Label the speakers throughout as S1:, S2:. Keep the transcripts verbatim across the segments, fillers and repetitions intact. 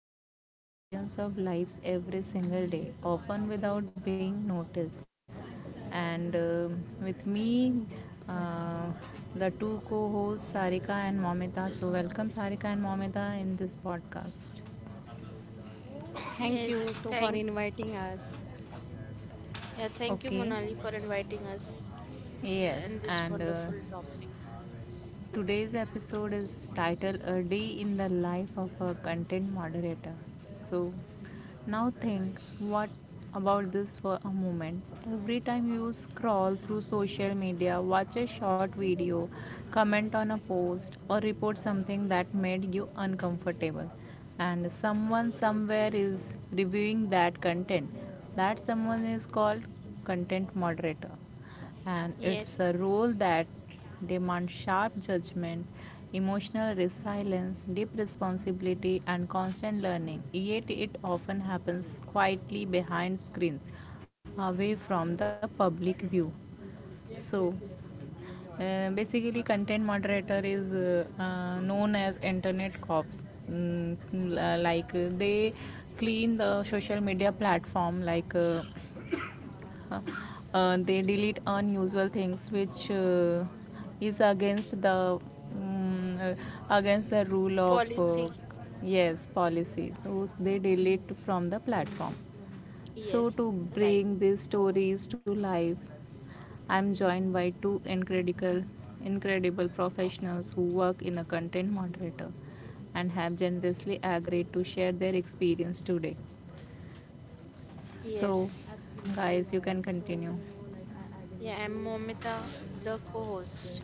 S1: that touches millions of lives every single day, often without being noticed. And um with me, uh, the two co hosts, Sarika and Momita. So, welcome Sarika and Momita in this podcast.
S2: Thank you to
S3: Yes,
S2: for
S3: thank
S2: inviting us.
S3: yeah, thank you,
S1: Okay,
S3: Monali, for inviting us
S1: yes,
S3: in this
S1: and
S3: wonderful
S1: uh,
S3: topic.
S1: today's episode is titled A Day in the Life of a Content Moderator. So, now think what about this for a moment. Every time you scroll through social media, watch a short video, comment on a post, or report something that made you uncomfortable, and someone somewhere is reviewing that content, that someone is called content moderator, and it's
S3: Yes,
S1: a role that demands sharp judgment, emotional resilience, deep responsibility, and constant learning. Yet it often happens quietly behind screens, away from the public view. So, uh, basically content moderator is uh, uh, known as internet cops. Mm, l- uh, like uh, they clean the social media platform like uh, uh, they delete unusual things which uh, is against the um, uh, against the rule of
S3: policy.
S1: uh, yes policy, so they delete from the platform. So
S3: Yes,
S1: to
S3: right.
S1: bring these stories to life, I'm joined by two incredible incredible professionals who work in a content moderator and have generously agreed to share their experience today. So
S3: Yes,
S1: guys, you can continue.
S3: yeah, I'm Momita, the co-host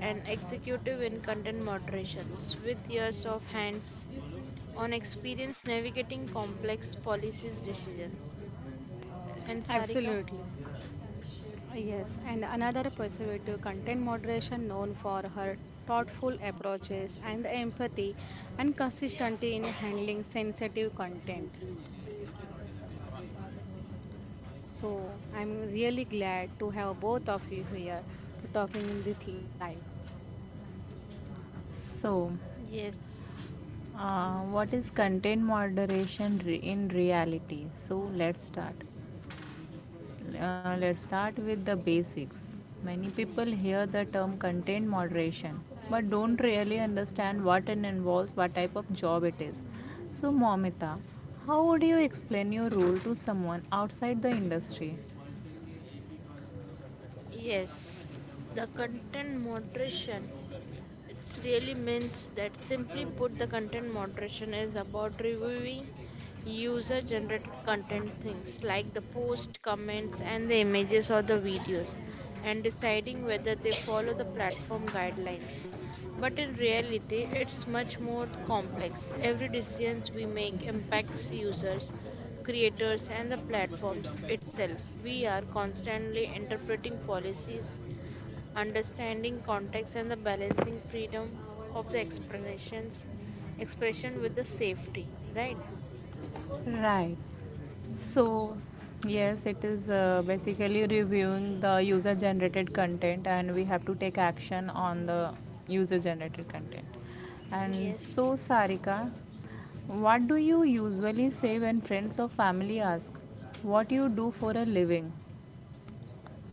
S3: and executive in content moderations with years of hands on experience navigating complex policies decisions. And Sarika?
S2: Absolutely. Yes, and another persecutive content moderation known for her thoughtful approaches and empathy and consistency in handling sensitive content. So I'm really glad to have both of you here to talking in this live.
S1: So
S3: Yes,
S1: Uh, what is content moderation re- in reality? So let's start. S- uh, let's start with the basics. Many people hear the term content moderation but don't really understand what it involves, what type of job it is. So, Momita, how would you explain your role to someone outside the industry?
S3: yes, the content moderation. It really means that simply put, the content moderation is about reviewing user generated content things like the post, comments, and the images or the videos and deciding whether they follow the platform guidelines. But in reality, it's much more complex. Every decision we make impacts users, creators, and the platforms itself. We are constantly interpreting policies, understanding context and the balancing freedom of the expressions expression with the safety, right?
S1: Right. So, yes, it is uh, basically reviewing the user generated content, and we have to take action on the user generated content. And
S3: Yes.
S1: so, Sarika, what do you usually say when friends or family ask what you do for a living?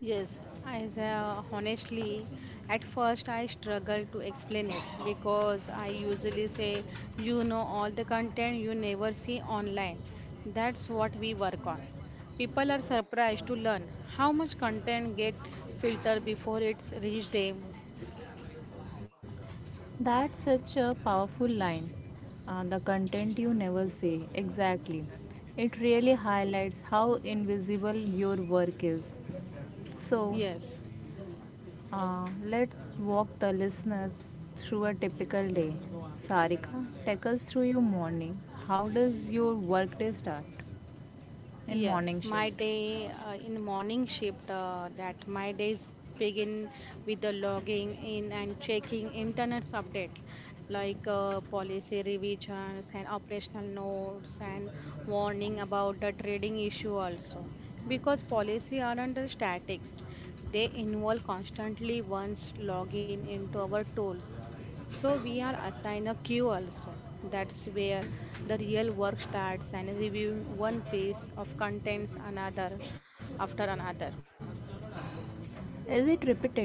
S2: Yes, I uh, honestly, at first I struggled to explain it because I usually say, you know, all the content you never see online. That's what we work on. People are surprised to learn how much content get filtered before it's reached them.
S1: That's such a powerful line. Uh, the content you never say, exactly. It really highlights how invisible your work is. So,
S2: Yes.
S1: Uh, let's walk the listeners through a typical day. Sarika, take us through your morning. How does your workday start in
S2: Yes,
S1: morning
S2: my
S1: shift?
S2: day uh, in morning shift uh, that my days begin with the logging in and checking internet update like uh, policy revisions and operational notes and warning about the trading issue also because policy aren't the statics they involve constantly once login into our tools, so we are assigned a queue also. That's where the real work starts and reviewing one piece of contents another after another.
S1: Is it repetitive?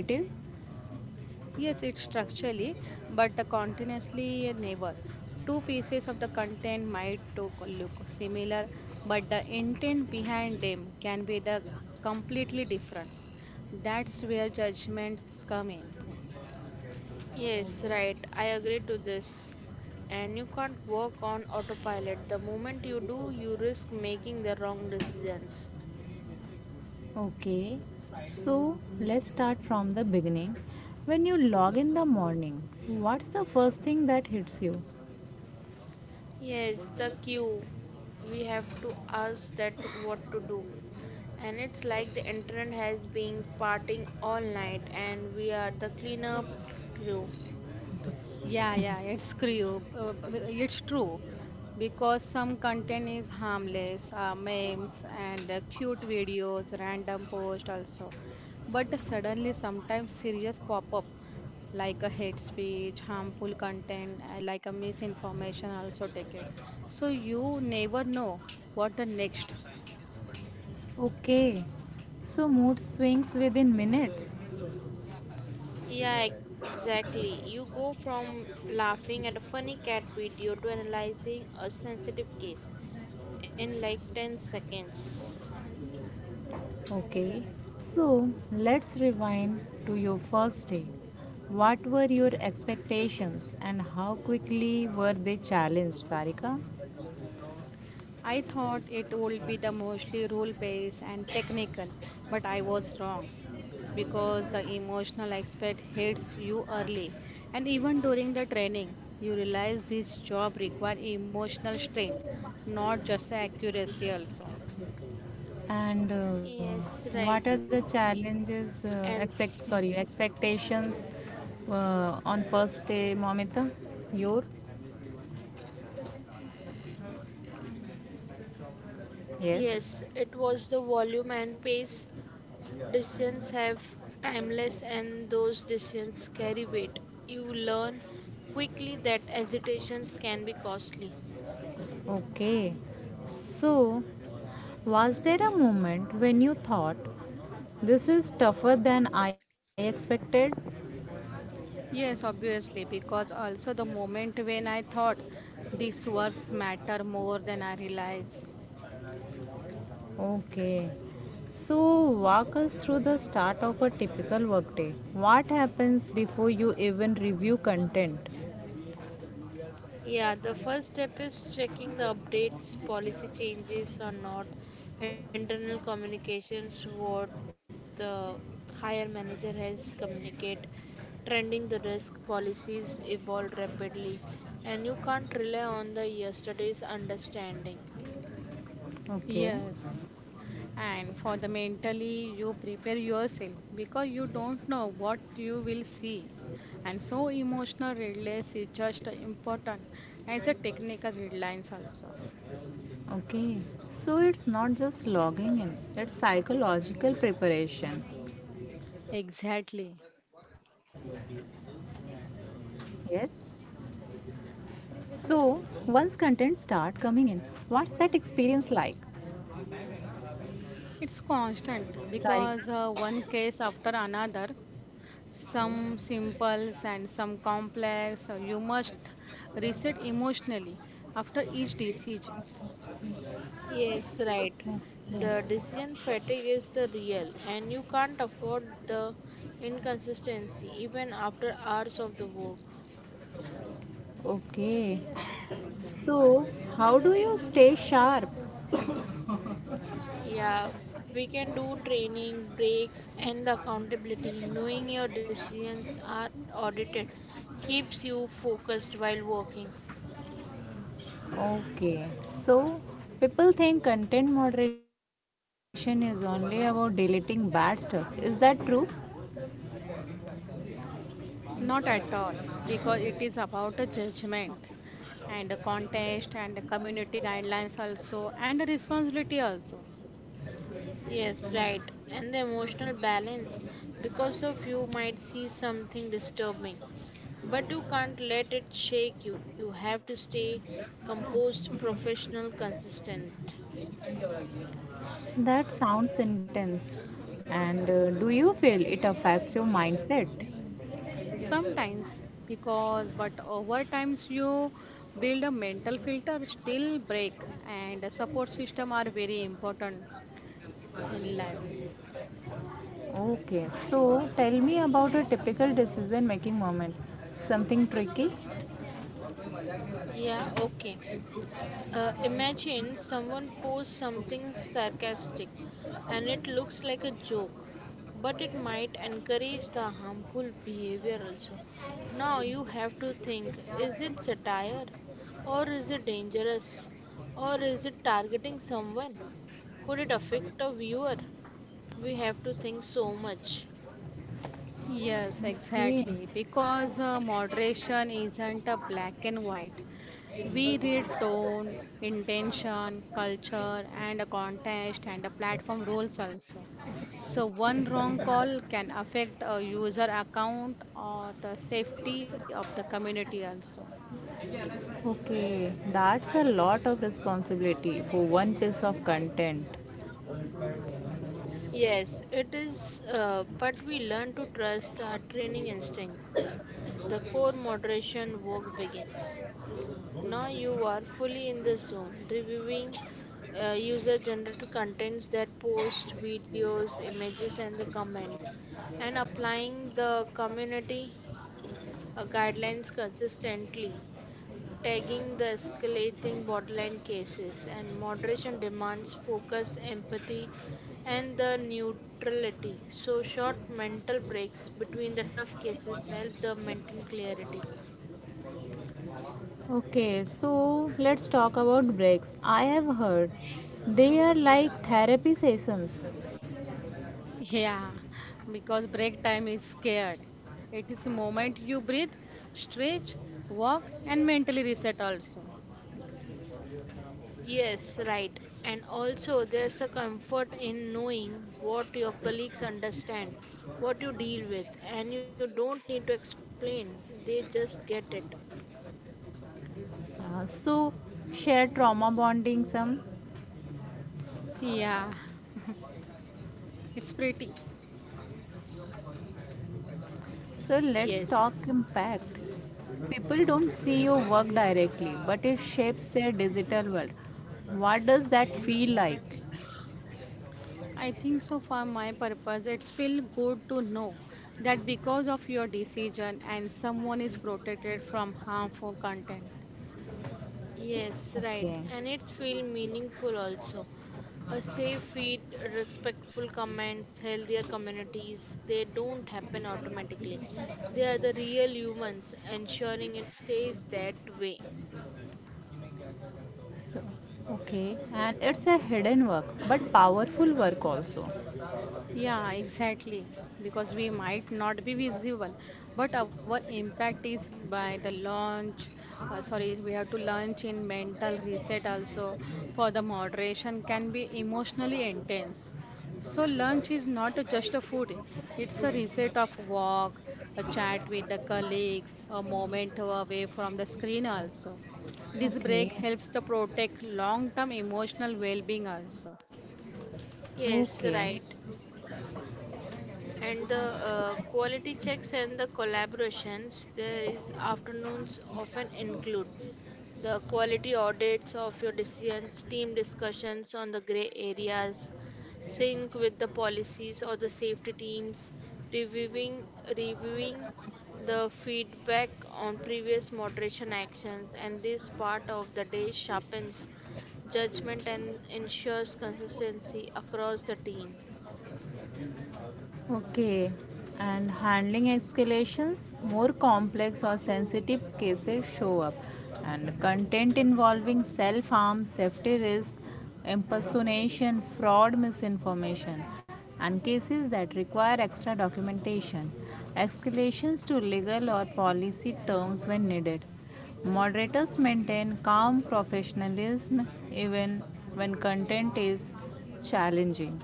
S2: Yes, it's structurally, but uh, continuously never. Two pieces of the content might to look similar, but the intent behind them can be the completely different. That's where judgments come in.
S3: Yes, right, I agree to this. And you can't work on autopilot. The moment you do, you risk making the wrong decisions.
S1: Okay, so let's start from the beginning. When you log in the morning, what's the first thing that hits you?
S3: Yes, the cue. We have to ask that, what to do? And it's like the internet has been partying all night and we are the cleanup crew.
S2: Yeah, yeah, it's true. uh, b- It's true because some content is harmless, uh, memes and uh, cute videos, random post also. But suddenly, sometimes serious pop up like a hate speech, harmful content, uh, like a misinformation also take it. So you never know what the next.
S1: Okay, so mood swings within minutes.
S3: Yeah, exactly. You go from laughing at a funny cat video to analyzing a sensitive case in like ten seconds.
S1: Okay, so let's rewind to your first day. What were your expectations and how quickly were they challenged, Sarika?
S2: I thought it would be the mostly rule based and technical, but I was wrong, because the emotional aspect hits you early and even during the training you realize this job require emotional strength, not just accuracy also.
S1: And
S3: Yes,
S1: uh,
S3: right.
S1: what are the
S3: And
S1: challenges, uh, expect, sorry, expectations uh, on first day, Momita? Your?
S3: yes, it was
S1: Yes.
S3: the volume and pace. Decisions have timeless, and those decisions carry weight. You learn quickly that hesitations can be costly.
S1: Okay. So, was there a moment when you thought this is tougher than I expected?
S2: Yes, obviously, because also the moment when I thought these words matter more than I realize.
S1: Okay. So, walk us through the start of a typical workday. What happens before you even review content?
S3: Yeah, the first step is checking the updates, policy changes or not, internal communications, what the higher manager has communicate, trending the risk. Policies evolve rapidly, and you can't rely on the yesterday's understanding.
S1: Okay,
S2: Yes. And for the mentally, you prepare yourself because you don't know what you will see. And so, emotional readiness is just important as a technical readlines also.
S1: okay. So it's not just logging in, it's psychological preparation.
S2: Exactly.
S1: Yes. So once content start coming in, what's that experience like?
S2: It's constant
S1: Sarika?
S2: because uh, one case after another, some simple and some complex, uh, you must reset emotionally after each decision.
S3: Yes, right. The
S1: Okay.
S3: decision fatigue is the real, and you can't afford the inconsistency even after hours of the work.
S1: Okay. So how do you stay sharp?
S3: Yeah, we can do training, breaks, and the accountability. Knowing your decisions are audited keeps you focused while working.
S1: Okay, so people think content moderation is only about deleting bad stuff. Is that true?
S2: Not at all, because it is about a judgment and a contest and a community guidelines also and a responsibility also.
S3: Yes, right. And the emotional balance, because of you might see something disturbing, but you can't let it shake you. You have to stay composed, professional, consistent.
S1: That sounds intense. And uh, do you feel it affects your mindset?
S2: Sometimes because but over times you build a mental filter still break and a support system are very important in life.
S1: Okay, so tell me about a typical decision making moment. Something tricky?
S3: Yeah, okay. Uh, imagine someone posts something sarcastic and it looks like a joke, but it might encourage the harmful behavior also. Now you have to think, is it satire, or is it dangerous, or is it targeting someone? Could it affect a viewer? We have to think so much.
S2: Yes,
S1: Okay.
S2: exactly. Because uh, moderation isn't a black and white. We read tone, intention, culture, and a context and a platform roles also. So one wrong call can affect a user account or the safety of the community also.
S1: Okay, that's a lot of responsibility for one piece of content.
S3: Yes, it is, uh, but we learn to trust our training instincts. The core moderation work begins. Now you are fully in the zone, reviewing uh, user generated contents, that post videos, images, and the comments, and applying the community uh, guidelines consistently, tagging the escalating borderline cases, and moderation demands focus, empathy, and the neutrality. So, short mental breaks between the tough cases help the maintain clarity.
S1: Okay, so let's talk about breaks. I have heard they are like therapy sessions.
S2: Yeah, because break time is scared. It is the moment you breathe, stretch, walk, and mentally reset also.
S3: Yes, right. And also, there's a comfort in knowing what your colleagues understand, what you deal with, and you don't need to explain. They just get it.
S1: Uh, so share trauma bonding some.
S2: Yeah, it's pretty.
S1: So let's
S3: Yes,
S1: talk impact. People don't see your work directly, but it shapes their digital world. What does that feel like?
S2: I think so for my purpose, it's feel good to know that because of your decision and someone is protected from harmful content.
S3: yes, right.
S1: Okay.
S3: And it's feel meaningful also. A safe feed, respectful comments, healthier communities, they don't happen automatically. They are the real humans, ensuring it stays that way.
S1: So okay, and it's a hidden work, but powerful work also.
S2: Yeah, exactly. Because we might not be visible, but our impact is by the launch. Uh, sorry, we have to launch in mental reset also for the moderation can be emotionally intense. So lunch is not just a food; it's a reset of walk, a chat with the colleagues, a moment away from the screen also. This break
S1: Okay.
S2: helps to protect long-term emotional well-being also.
S3: Yes,
S1: Okay.
S3: right. And the uh, quality checks and the collaborations, there is afternoons often include the quality audits of your decisions, team discussions on the gray areas, sync with the policies or the safety teams, reviewing reviewing the feedback on previous moderation actions, and this part of the day sharpens judgment and ensures consistency across the team.
S1: Okay. And handling escalations, more complex or sensitive cases show up. And content involving self harm, safety risk, impersonation, fraud, misinformation, and cases that require extra documentation. Escalations to legal or policy terms when needed. Moderators maintain calm professionalism even when content is challenging.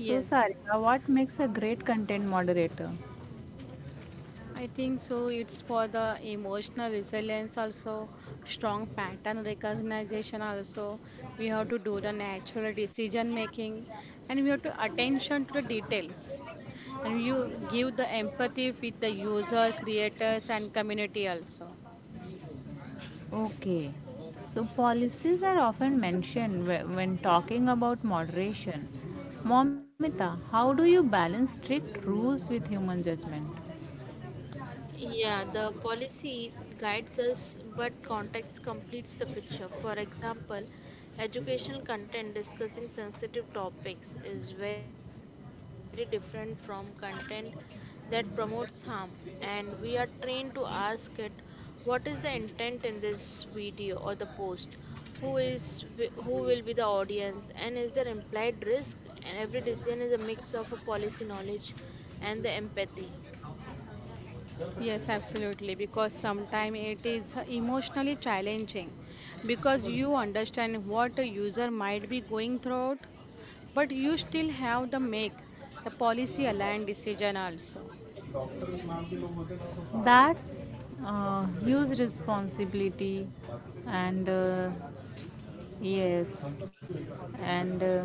S1: So, Sarika, what makes a great content moderator?
S2: I think so. It's for the emotional resilience also, strong pattern recognition also. We have to do the natural decision making and we have to attention to the details. And you give the empathy with the user, creators and community also.
S1: Okay. So, policies are often mentioned wh- when talking about moderation. Momita, how do you balance strict rules with human judgment?
S3: Yeah, the policy guides us, but context completes the picture. For example, educational content discussing sensitive topics is very different from content that promotes harm, and we are trained to ask it, what is the intent in this video or the post? Who is wi- who will be the audience, and is there implied risk? And every decision is a mix of a policy knowledge and the empathy.
S2: Yes, absolutely. Because sometimes it is emotionally challenging because you understand what a user might be going through, but you still have the make the policy aligned decision also.
S1: That's uh, huge responsibility, and uh, yes, and uh,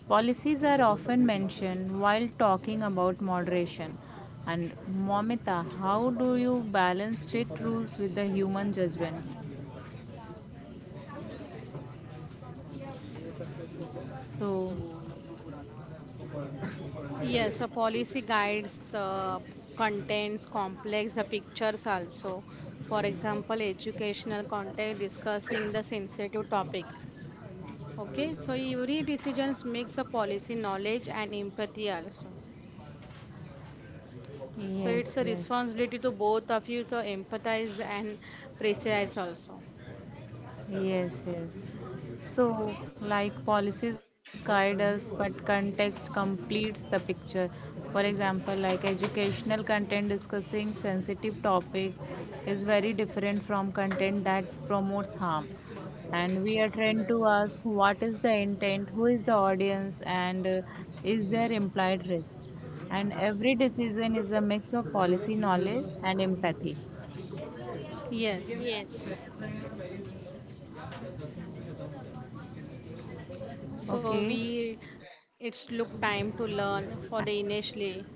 S1: policies are often mentioned while talking about moderation. And Momita, how do you balance strict rules with the human judgment? So,
S2: Yes, a policy guides the contents, complex the pictures also. For example, educational content discussing the sensitive topic. Okay, so every decisions makes a policy knowledge and empathy also. So it's
S1: yes,
S2: a
S1: yes.
S2: responsibility to both of you to empathize and precise also.
S1: Yes, yes. So, like policies guide us, but context completes the picture. For example, like educational content discussing sensitive topics is very different from content that promotes harm. And we are trained to ask what is the intent, who is the audience, and uh, is there implied risk. And every decision is a mix of policy knowledge and empathy.
S2: Yes.
S3: Yes.
S2: So
S1: Okay.
S2: we it's look time to learn for the initially,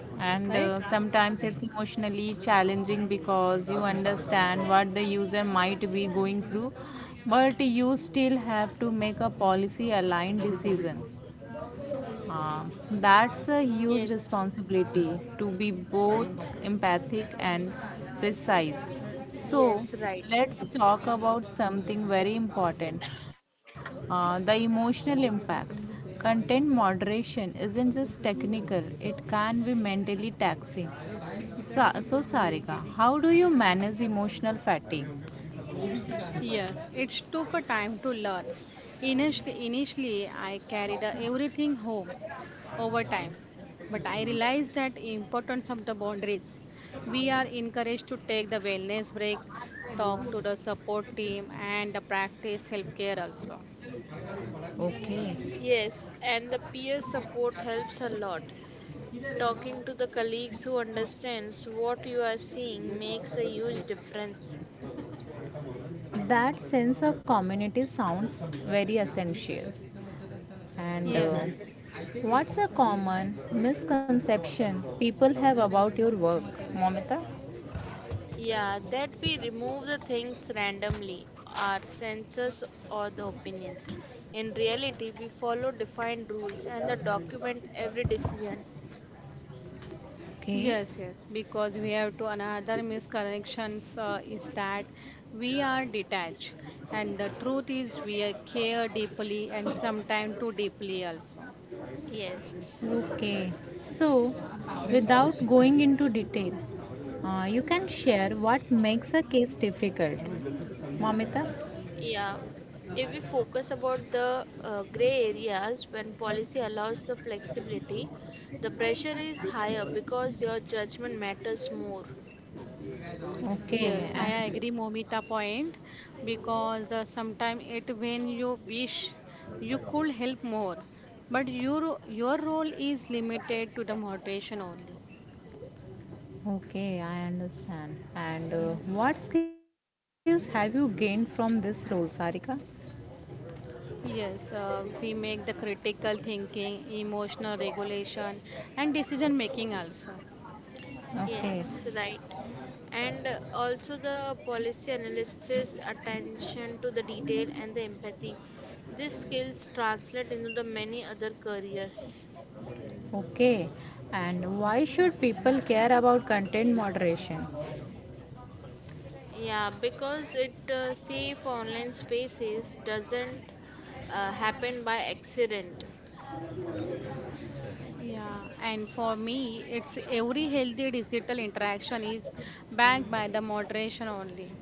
S1: And uh,
S2: right?
S1: sometimes it's emotionally challenging because you understand what the user might be going through, but you still have to make a policy aligned decision. uh, that's a huge
S3: Yes,
S1: responsibility to be both empathic and precise. So,
S3: yes, right.
S1: let's talk about something very important, uh, the emotional impact. Content moderation isn't just technical, it can be mentally taxing. Sa- so, Sarika, how do you manage emotional fatigue?
S2: Yes, it took a time to learn. Initially, initially I carried the everything home over time, but I realized that importance of the boundaries. We are encouraged to take the wellness break, talk to the support team, and the practice self-care also.
S1: Okay.
S3: Yes, and the peer support helps a lot. Talking to the colleagues who understands what you are seeing makes a huge difference.
S1: That sense of community sounds very essential. And uh,
S2: Yes,
S1: what's a common misconception people have about your work, Momita?
S3: Yeah, that we remove the things randomly, our senses or the opinions. In reality, we follow defined rules and the document every decision.
S1: Okay,
S2: yes, yes. Because we have to another misconnections uh, is that we are detached, and the truth is we are care deeply and sometimes too deeply also.
S3: Yes.
S1: okay. So, without going into details, uh, you can share what makes a case difficult, Momita.
S3: Yeah, if we focus about the uh, gray areas, when policy allows the flexibility, the pressure is higher because your judgment matters more.
S2: Yes,
S1: Okay,
S2: I
S1: and
S2: agree, Momita point, because the sometime it when you wish you could help more, but your your role is limited to the moderation only.
S1: okay, I understand. And uh, what skills have you gained from this role, Sarika?
S2: Yes, uh, we make the critical thinking, emotional regulation, and decision making also.
S1: Okay,
S3: Yes, right. And uh, also the policy analysis, attention to the detail, and the empathy. These skills translate into the many other careers.
S1: okay. And why should people care about content moderation?
S3: Yeah, because it uh, safe online spaces doesn't uh, happen by accident.
S2: Yeah, and for me, it's every healthy digital interaction is backed by the moderation only.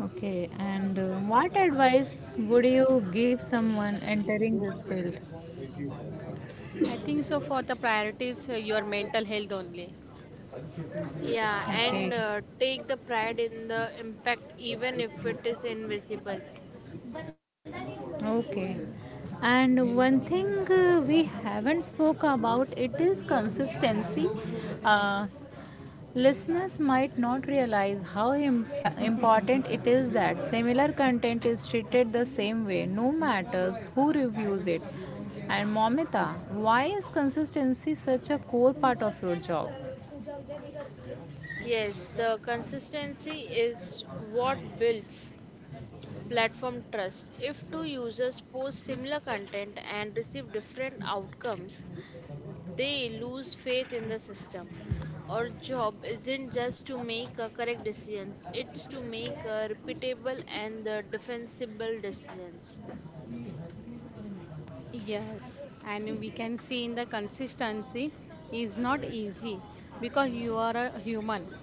S1: Okay, and uh, what advice would you give someone entering this field?
S2: I think so for the priorities, uh, your mental health only.
S3: Yeah, and
S1: Okay,
S3: uh, take the pride in the impact even if it is invisible.
S1: okay. And one thing uh, we haven't spoke about it is consistency. Uh, listeners might not realize how imp- important it is that similar content is treated the same way, no matters who reviews it. And Momita, why is consistency such a core part of your job?
S3: Yes, the consistency is what builds platform trust. If two users post similar content and receive different outcomes, they lose faith in the system. Our job isn't just to make a correct decisions, it's to make a repeatable and the defensible decisions.
S2: Yes, and we can see in the consistency is not easy because you are a human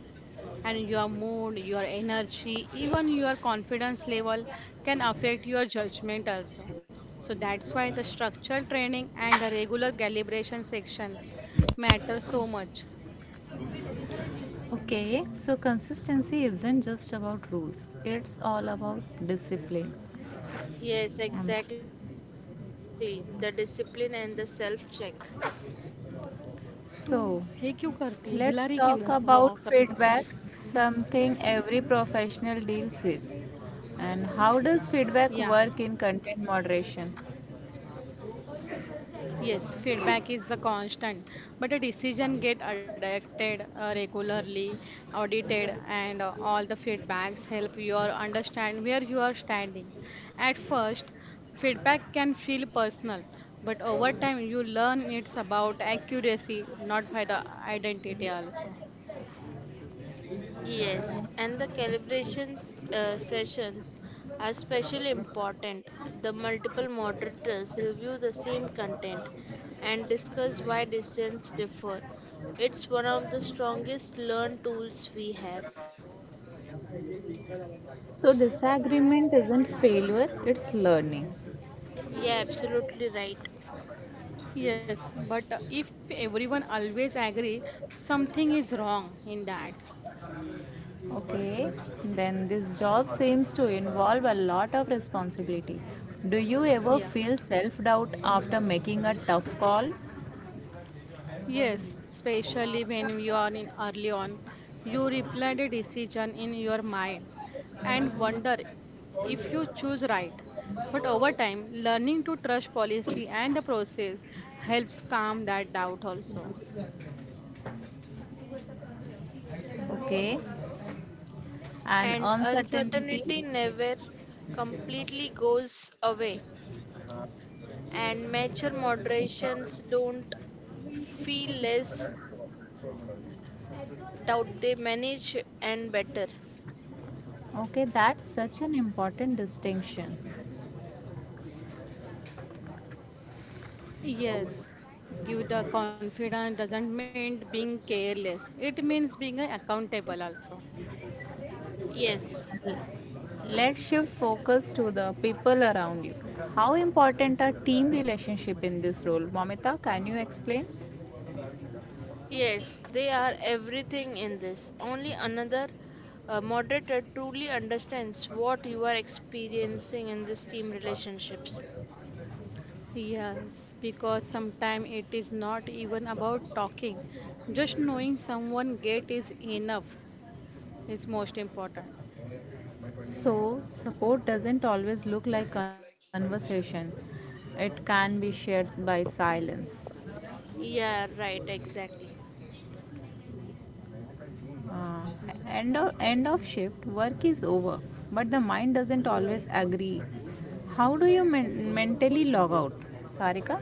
S2: and your mood, your energy, even your confidence level can affect your judgment also. So that's why the structure training and the regular calibration sections matter so much.
S1: Okay, so consistency isn't just about rules, it's all about discipline.
S3: Yes,
S1: Um,
S3: exactly. The discipline and the self check.
S2: तू हे क्यों
S1: so,
S2: करती है हिलारी क्यों
S1: let's
S2: रहा-
S1: talk
S2: हाँ,
S1: about
S2: करते
S1: feedback, something every professional deals with. And how does
S2: Yeah.
S1: feedback work in content moderation?
S2: Yes, feedback is the constant, but the decision get adapted uh, regularly, audited, and uh, all the feedbacks help you or understand where you are standing. At first, feedback can feel personal, but over time you learn it's about accuracy, not by the identity also.
S3: Yes, and the calibrations uh, sessions are especially important. The multiple moderators review the same content and discuss why decisions differ. It's one of the strongest learn tools we have.
S1: So, disagreement isn't failure, it's learning.
S3: Yeah, absolutely right.
S2: Yes, but if everyone always agree, something is wrong in that.
S1: Okay, then this job seems to involve a lot of responsibility. Do you ever
S2: Yeah.
S1: feel self doubt after making a tough call?
S2: Yes, especially when you are in early on, you replay the decision in your mind and wonder if you choose right. But over time, learning to trust policy and the process helps calm that doubt also.
S1: Okay, and
S3: And
S1: uncertainty.
S3: uncertainty never completely goes away. And mature
S1: Okay.
S3: moderations don't feel less doubt, they manage and better.
S1: Okay, that's such an important distinction.
S2: Yes, give the confidence doesn't mean being careless. It means being accountable also.
S3: Yes,
S1: Let's shift focus to the people around you. How important are team relationship in this role, Momita? Can you explain?
S3: yes, they are everything in this. Only another uh, moderator truly understands what you are experiencing in this team relationships.
S2: Yes, because sometimes it is not even about talking. Just knowing someone get is enough. Is most important.
S1: So support doesn't always look like conversation, it can be shared by silence.
S3: Yeah, right, exactly.
S1: Uh, end of end of shift work is over but the mind doesn't always agree. How do you men- mentally log out, Sarika?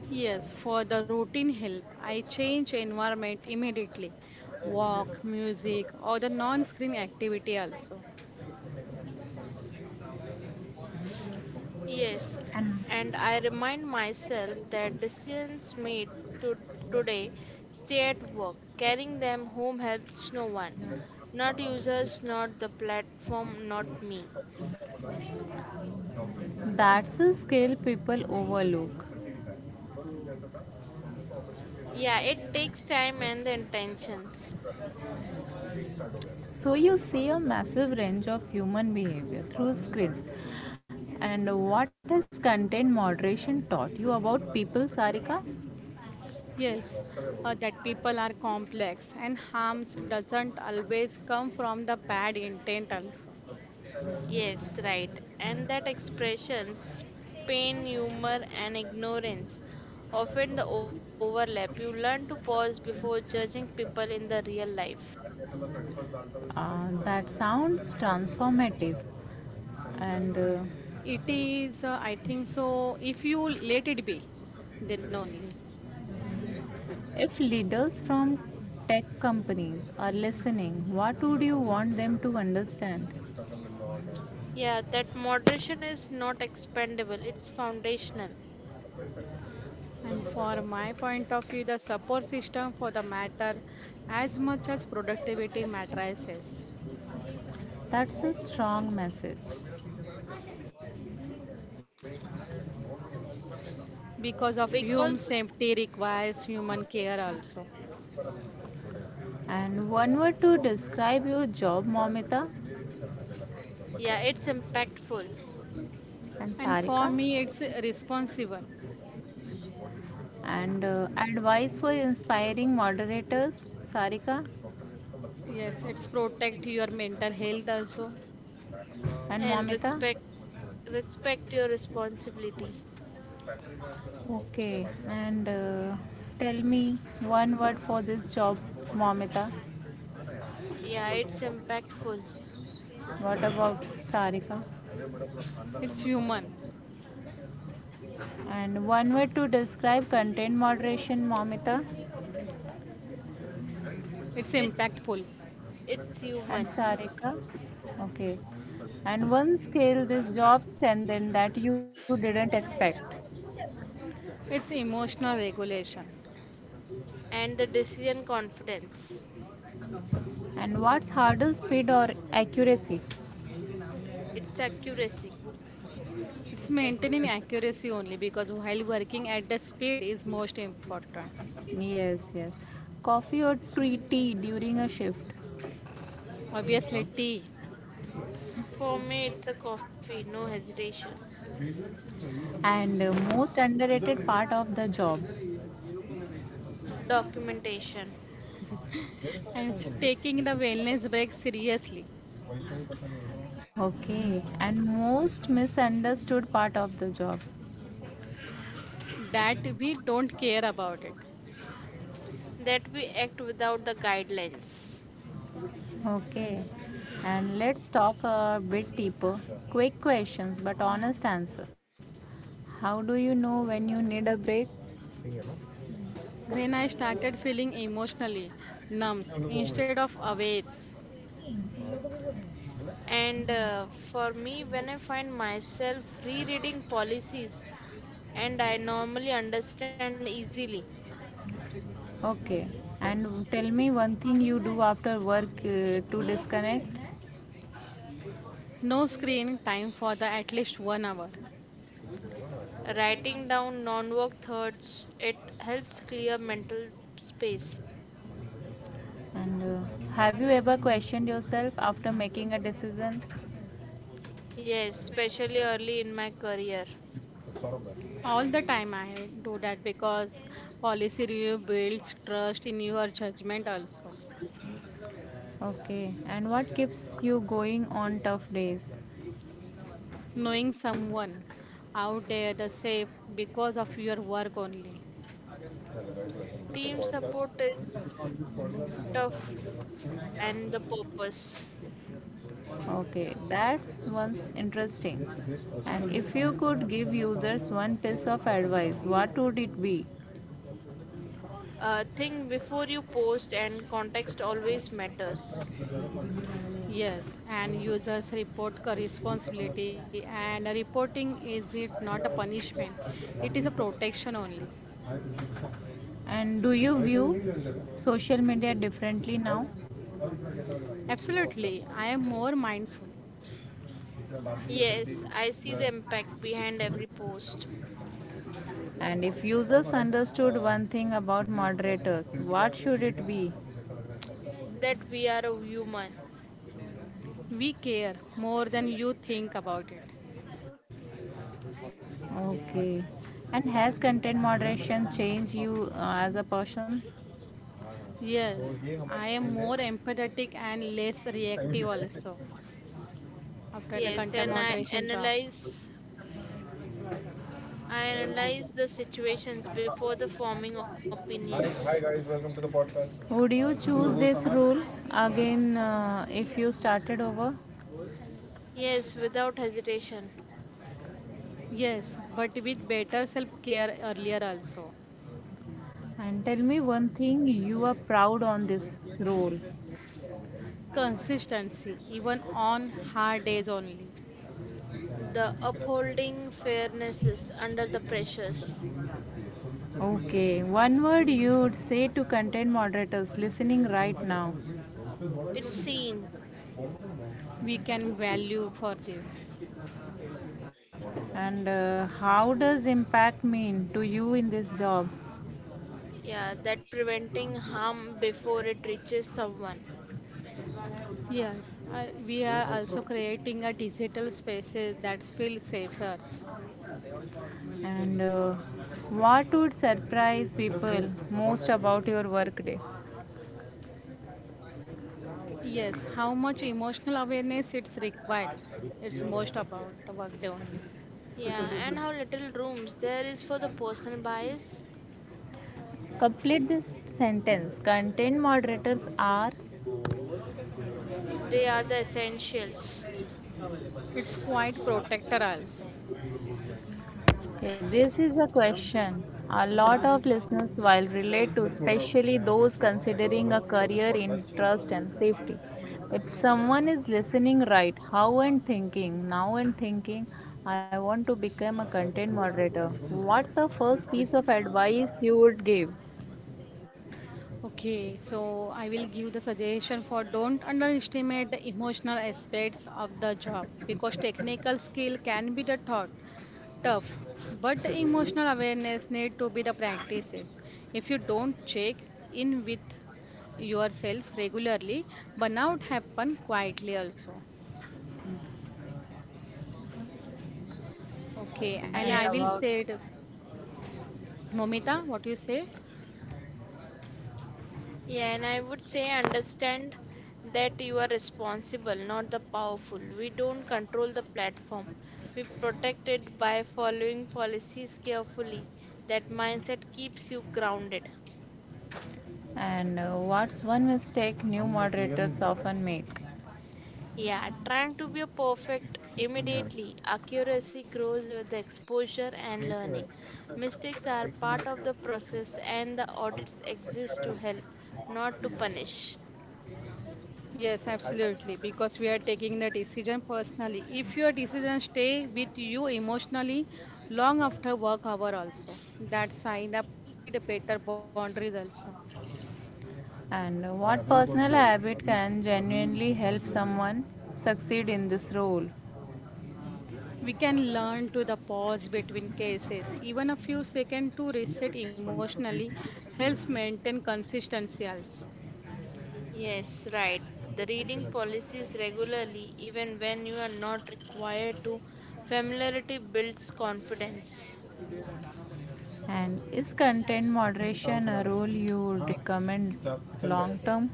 S2: Yes, for the routine help, I change environment immediately. Walk, music, or the non screen activity also.
S3: Yes,
S1: And
S3: and I remind myself that decisions made to today stay at work. Carrying them home helps no one. Not users, not the platform, not me.
S1: that's a skill people overlook.
S3: Yeah, it takes time and the intentions.
S1: So you see a massive range of human behavior through screens, and what has content moderation taught you about people, Sarika?
S2: Yes, uh, that people are complex and harms doesn't always come from the bad intent also.
S3: Yes, right. And that expressions, pain, humor, and ignorance often the overlap. You learn to pause before judging people in the real life.
S1: Uh, that sounds transformative. And uh,
S2: It is, uh, I think so, if you let it be, then only.
S1: If leaders from tech companies are listening, what would you want them to understand?
S3: Yeah, that moderation is not expendable, it's foundational.
S2: And for my point of view, the support system for the matter as much as productivity matrices,
S1: That's a strong message.
S2: because of human
S3: Because,
S2: safety requires human care also.
S1: And one word to describe your job, Momita
S3: yeah, it's impactful
S1: and
S2: And for
S1: Sarika.
S2: me it's responsible.
S1: And uh, advice for inspiring moderators, Sarika
S2: Yes, it's protect your mental health also.
S1: and
S3: and
S1: Momita.
S3: respect respect your responsibility.
S1: Okay, and uh, tell me one word for this job, Momita.
S3: Yeah, it's impactful.
S1: What about Sarika?
S2: It's human.
S1: And one way to describe content moderation, Momita
S2: It's
S3: It
S2: impactful.
S3: it's
S1: and
S3: human
S1: Sarika. Okay. And one skill this job strengthened that you didn't expect.
S2: It's emotional regulation.
S3: and the decision confidence.
S1: And what's harder, speed or accuracy?
S3: It's accuracy.
S2: It's maintaining accuracy only because while working at the speed is most important.
S1: Yes, yes. Coffee or tea tea during a shift.
S2: Obviously tea.
S3: For me, it's a coffee, no hesitation.
S1: And uh, most underrated part of the job.
S3: Documentation
S2: And it's taking the wellness break seriously.
S1: Okay. And most misunderstood part of the job.
S2: That we don't care about it.
S3: that we act without the guidelines.
S1: Okay, and let's talk a bit deeper. Quick questions, but honest answer. How do you know when you need a break?
S2: When I started feeling emotionally numb instead of awake,
S3: And uh, for me, when I find myself rereading policies and I normally understand easily,
S1: Okay, and tell me one thing you do after work uh, to disconnect.
S2: no screen time for the at least one hour.
S3: writing down non work thoughts, it helps clear mental space.
S1: And uh, have you ever questioned yourself after making a decision?
S3: Yes, especially early in my career.
S2: All the time I do that because policy review builds trust in your judgment also.
S1: Okay, and what keeps you going on tough days?
S2: Knowing someone out there the safe because of your work only.
S3: Team support is tough and the purpose.
S1: Okay, that's one's interesting. And if you could give users one piece of advice, what would it be?
S3: Uh, think before you post, and context always matters.
S2: Yes, and users report co- responsibility and reporting is it not a punishment. It is a protection only.
S1: And do you view social media differently now?
S2: Absolutely, I am more mindful.
S3: Yes, I see the impact behind every post
S1: And if users understood one thing about moderators, what should it be?
S3: that we are a human.
S2: We care more than you think about it.
S1: Okay. And has content moderation changed you uh, as a person?
S2: Yes, I am more empathetic and less reactive also after the
S3: Yes,
S2: content
S3: and I
S2: moderation job.
S3: analyze I analyze the situations before the forming opinions.
S1: Would you choose this rule again uh, if you started over?
S3: Yes, without hesitation.
S2: Yes, but with better self care earlier also.
S1: And tell me one thing you are proud on this role.
S2: Consistency, even on hard days only,
S3: The upholding fairnesses under the pressures.
S1: Okay, one word you would say to content moderators listening right now.
S3: It's seen,
S2: we can value for this.
S1: And uh, how does impact mean to you in this job?
S3: yeah, that preventing harm before it reaches someone.
S2: Yes, I- we are also creating a digital spaces that feel safer.
S1: And uh, what would surprise people most about your workday?
S2: Yes, how much emotional awareness it's required. It's most about the workday only.
S3: Yeah, and how little rooms there is for the personal bias.
S1: Complete this sentence. Content moderators are.
S3: They are the essentials.
S2: It's quite protector also.
S1: Okay, this is a question a lot of listeners will relate to, especially those considering a career in trust and safety. If someone is listening right, how and thinking, now and thinking, I want to become a content moderator. What's the first piece of advice you would give?
S2: Okay, so I will give the suggestion for don't underestimate the emotional aspects of the job because technical skill can be the thought tough but the emotional awareness need to be the practices. If you don't check in with yourself regularly, burnout happen quietly also. Okay, and
S1: And
S2: I will
S3: Yes.
S1: about,
S2: say it, Momita, what you say.
S3: Yeah, and I would say understand that you are responsible, not the powerful. We don't control the platform. We protect it by following policies carefully. That mindset keeps you grounded.
S1: and uh, what's one mistake new moderators often make?
S3: Yeah, trying to be a perfect immediately. Accuracy grows with the exposure and learning. Mistakes are part of the process, and the audits exist to help, not to punish.
S2: Yes, absolutely, because we are taking the decision personally. If your decision stay with you emotionally long after work hour also, that sign up need better boundaries also.
S1: And what personal habit can genuinely help someone succeed in this role?
S2: We can learn to the pause between cases. Even a few seconds to reset emotionally helps maintain consistency also.
S3: Yes, right. The reading policies regularly, even when you are not required to. Familiarity builds confidence.
S1: And is content moderation a role you would recommend long term?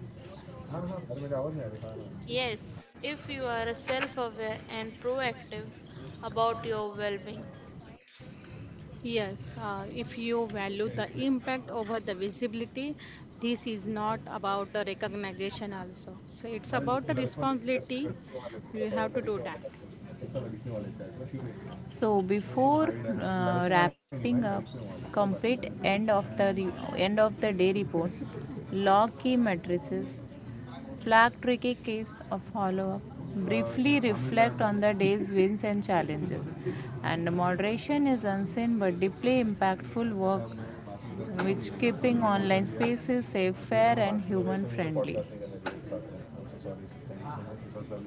S3: Yes, if you are self aware and proactive about your well being.
S2: Yes, uh, if you value the impact over the visibility, this is not about the recognition also. So it's about the responsibility. You have to do that.
S1: So before uh, wrapping up, complete end of the re- end of the day report, log key matrices, flag tricky case of follow up. Briefly reflect on the day's wins and challenges. And moderation is unseen but deeply impactful work which keeping online spaces safe, fair, and human friendly.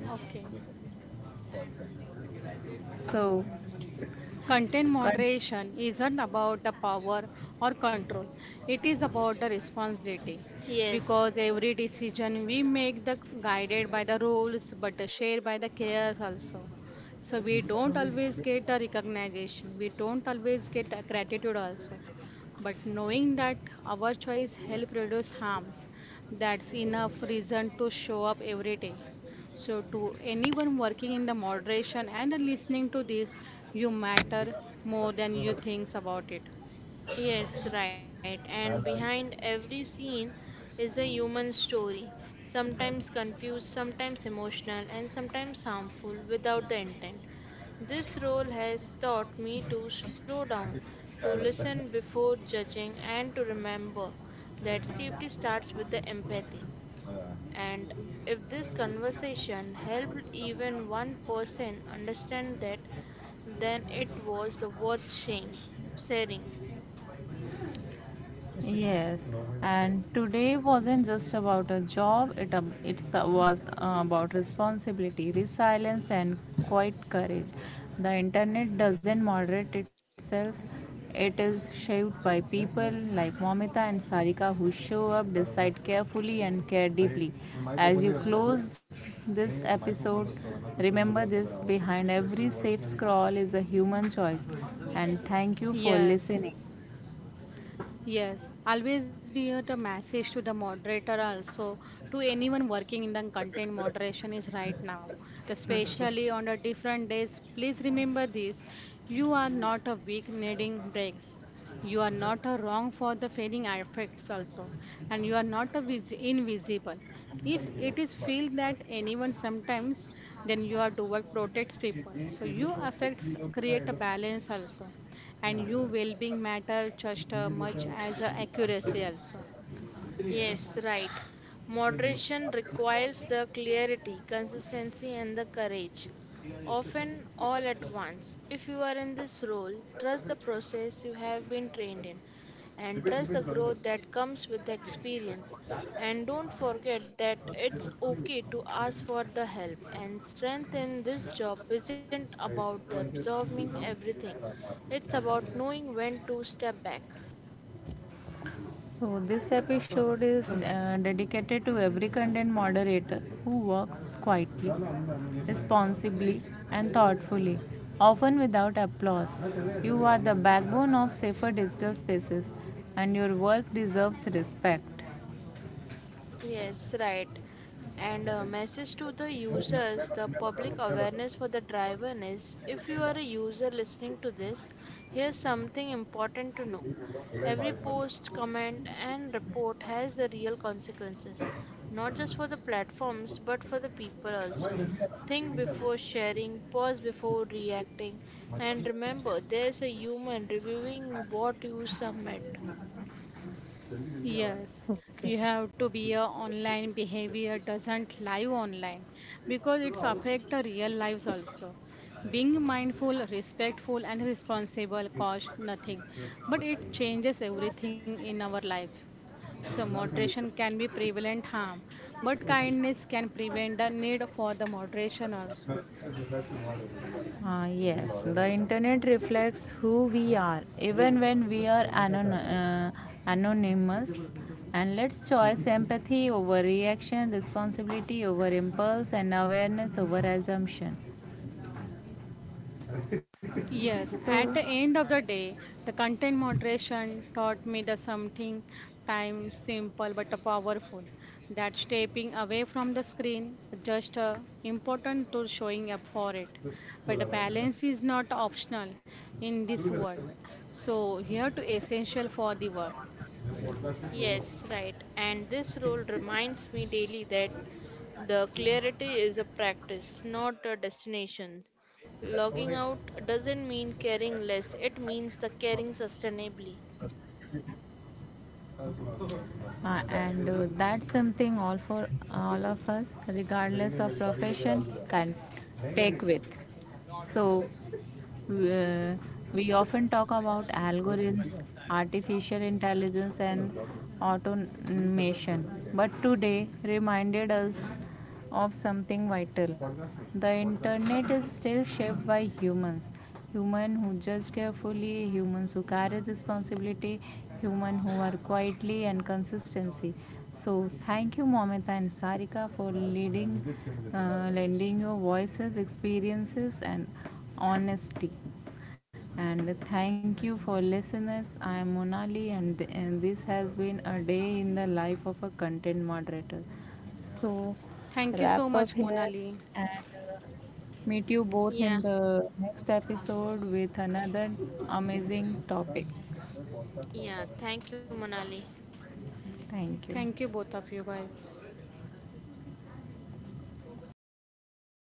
S2: Okay.
S1: So,
S2: Content moderation isn't about the power or control, it is about the responsibility
S3: Yes.
S2: because every decision we make the guided by the rules but the shared by the cares also. So we don't always get the recognition, we don't always get the gratitude also. But knowing that our choice help reduce harms, that's enough reason to show up every day. So, to anyone working in the moderation and listening to this, you matter more than you think about it.
S3: Yes, right. And behind every scene is a human story, sometimes confused, sometimes emotional, and sometimes harmful without the intent. This role has taught me to slow down, to listen before judging, and to remember that safety starts with the empathy. And if this conversation helped even one person understand that, then it was the worth sharing. sharing.
S1: yes, and today wasn't just about a job, it, ab- it's uh, was uh, about responsibility, resilience, and quite courage. The internet doesn't moderate itself, it is shaped by people like Momita and Sarika who show up, decide carefully, and care deeply. As you close this episode, remember this: behind every safe scroll is a human choice, and thank you for
S2: Yes,
S1: listening.
S2: yes. Always be at a message to the moderator also to anyone working in the content moderation is right now, especially on the different days. Please remember this: you are not a weak needing breaks. You are not a wrong for the failing affects also, and you are not a vis- invisible. If it is feel that anyone sometimes, then you have to work protects people. So you affects create a balance also, and you well-being matter just uh, much as uh, accuracy also.
S3: Yes, right. Moderation requires the clarity, consistency, and the courage, often all at once. If you are in this role, trust the process you have been trained in and trust the growth that comes with the experience. And don't forget that it's okay to ask for the help. And strength in this job isn't about the absorbing everything, it's about knowing when to step back.
S1: So, this episode is uh, dedicated to every content moderator who works quietly, responsibly, and thoughtfully, often without applause. You are the backbone of safer digital spaces, and your work deserves respect.
S3: Yes, right. And uh, message to the users, the public awareness for the driver is, if you are a user listening to this, here's something important to know. Every post, comment, and report has the real consequences, not just for the platforms but for the people also. Think before sharing, pause before reacting, and remember there's a human reviewing what you submit.
S2: Yes,
S1: Okay.
S2: you have to be a online behavior doesn't live online because it's affect the real lives also. Being mindful, respectful, and responsible cost nothing, but it changes everything in our life. So moderation can be prevalent harm, but kindness can prevent the need for the moderation also.
S1: Uh, yes, the internet reflects who we are, even when we are anon- uh, anonymous. And let's choose empathy over reaction, responsibility over impulse, and awareness over assumption.
S2: Yes,
S1: So,
S2: at the end of the day, the content moderation taught me the something time simple but powerful, that stepping away from the screen just uh, important to showing up for it. But the balance is not optional in this world. So here to essential for the work.
S3: Yes, right. And this role reminds me daily that the clarity is a practice, not a destination. Logging out doesn't mean caring less, it means the caring sustainably.
S1: uh, and uh, that's something all for all of us regardless of profession can take with. So uh, we often talk about algorithms, artificial intelligence and automation, but today reminded us of something vital: the internet is still shaped by humans, human who judge carefully, humans who carry responsibility, human who are quietly and consistency. So thank you, Momita and Sarika, for leading, uh, lending your voices, experiences, and honesty. And thank you for listeners. I am Monali, and, th and this has been a day in the life of a content moderator. So,
S2: Thank you so
S1: wrap up
S2: much,
S1: here
S2: Monali.
S1: and. Uh, Meet you both
S3: Yeah,
S1: in the next episode with another amazing topic.
S3: yeah. Thank you, Manali.
S2: Thank
S1: Thank
S2: you
S1: you.
S2: both of you guys.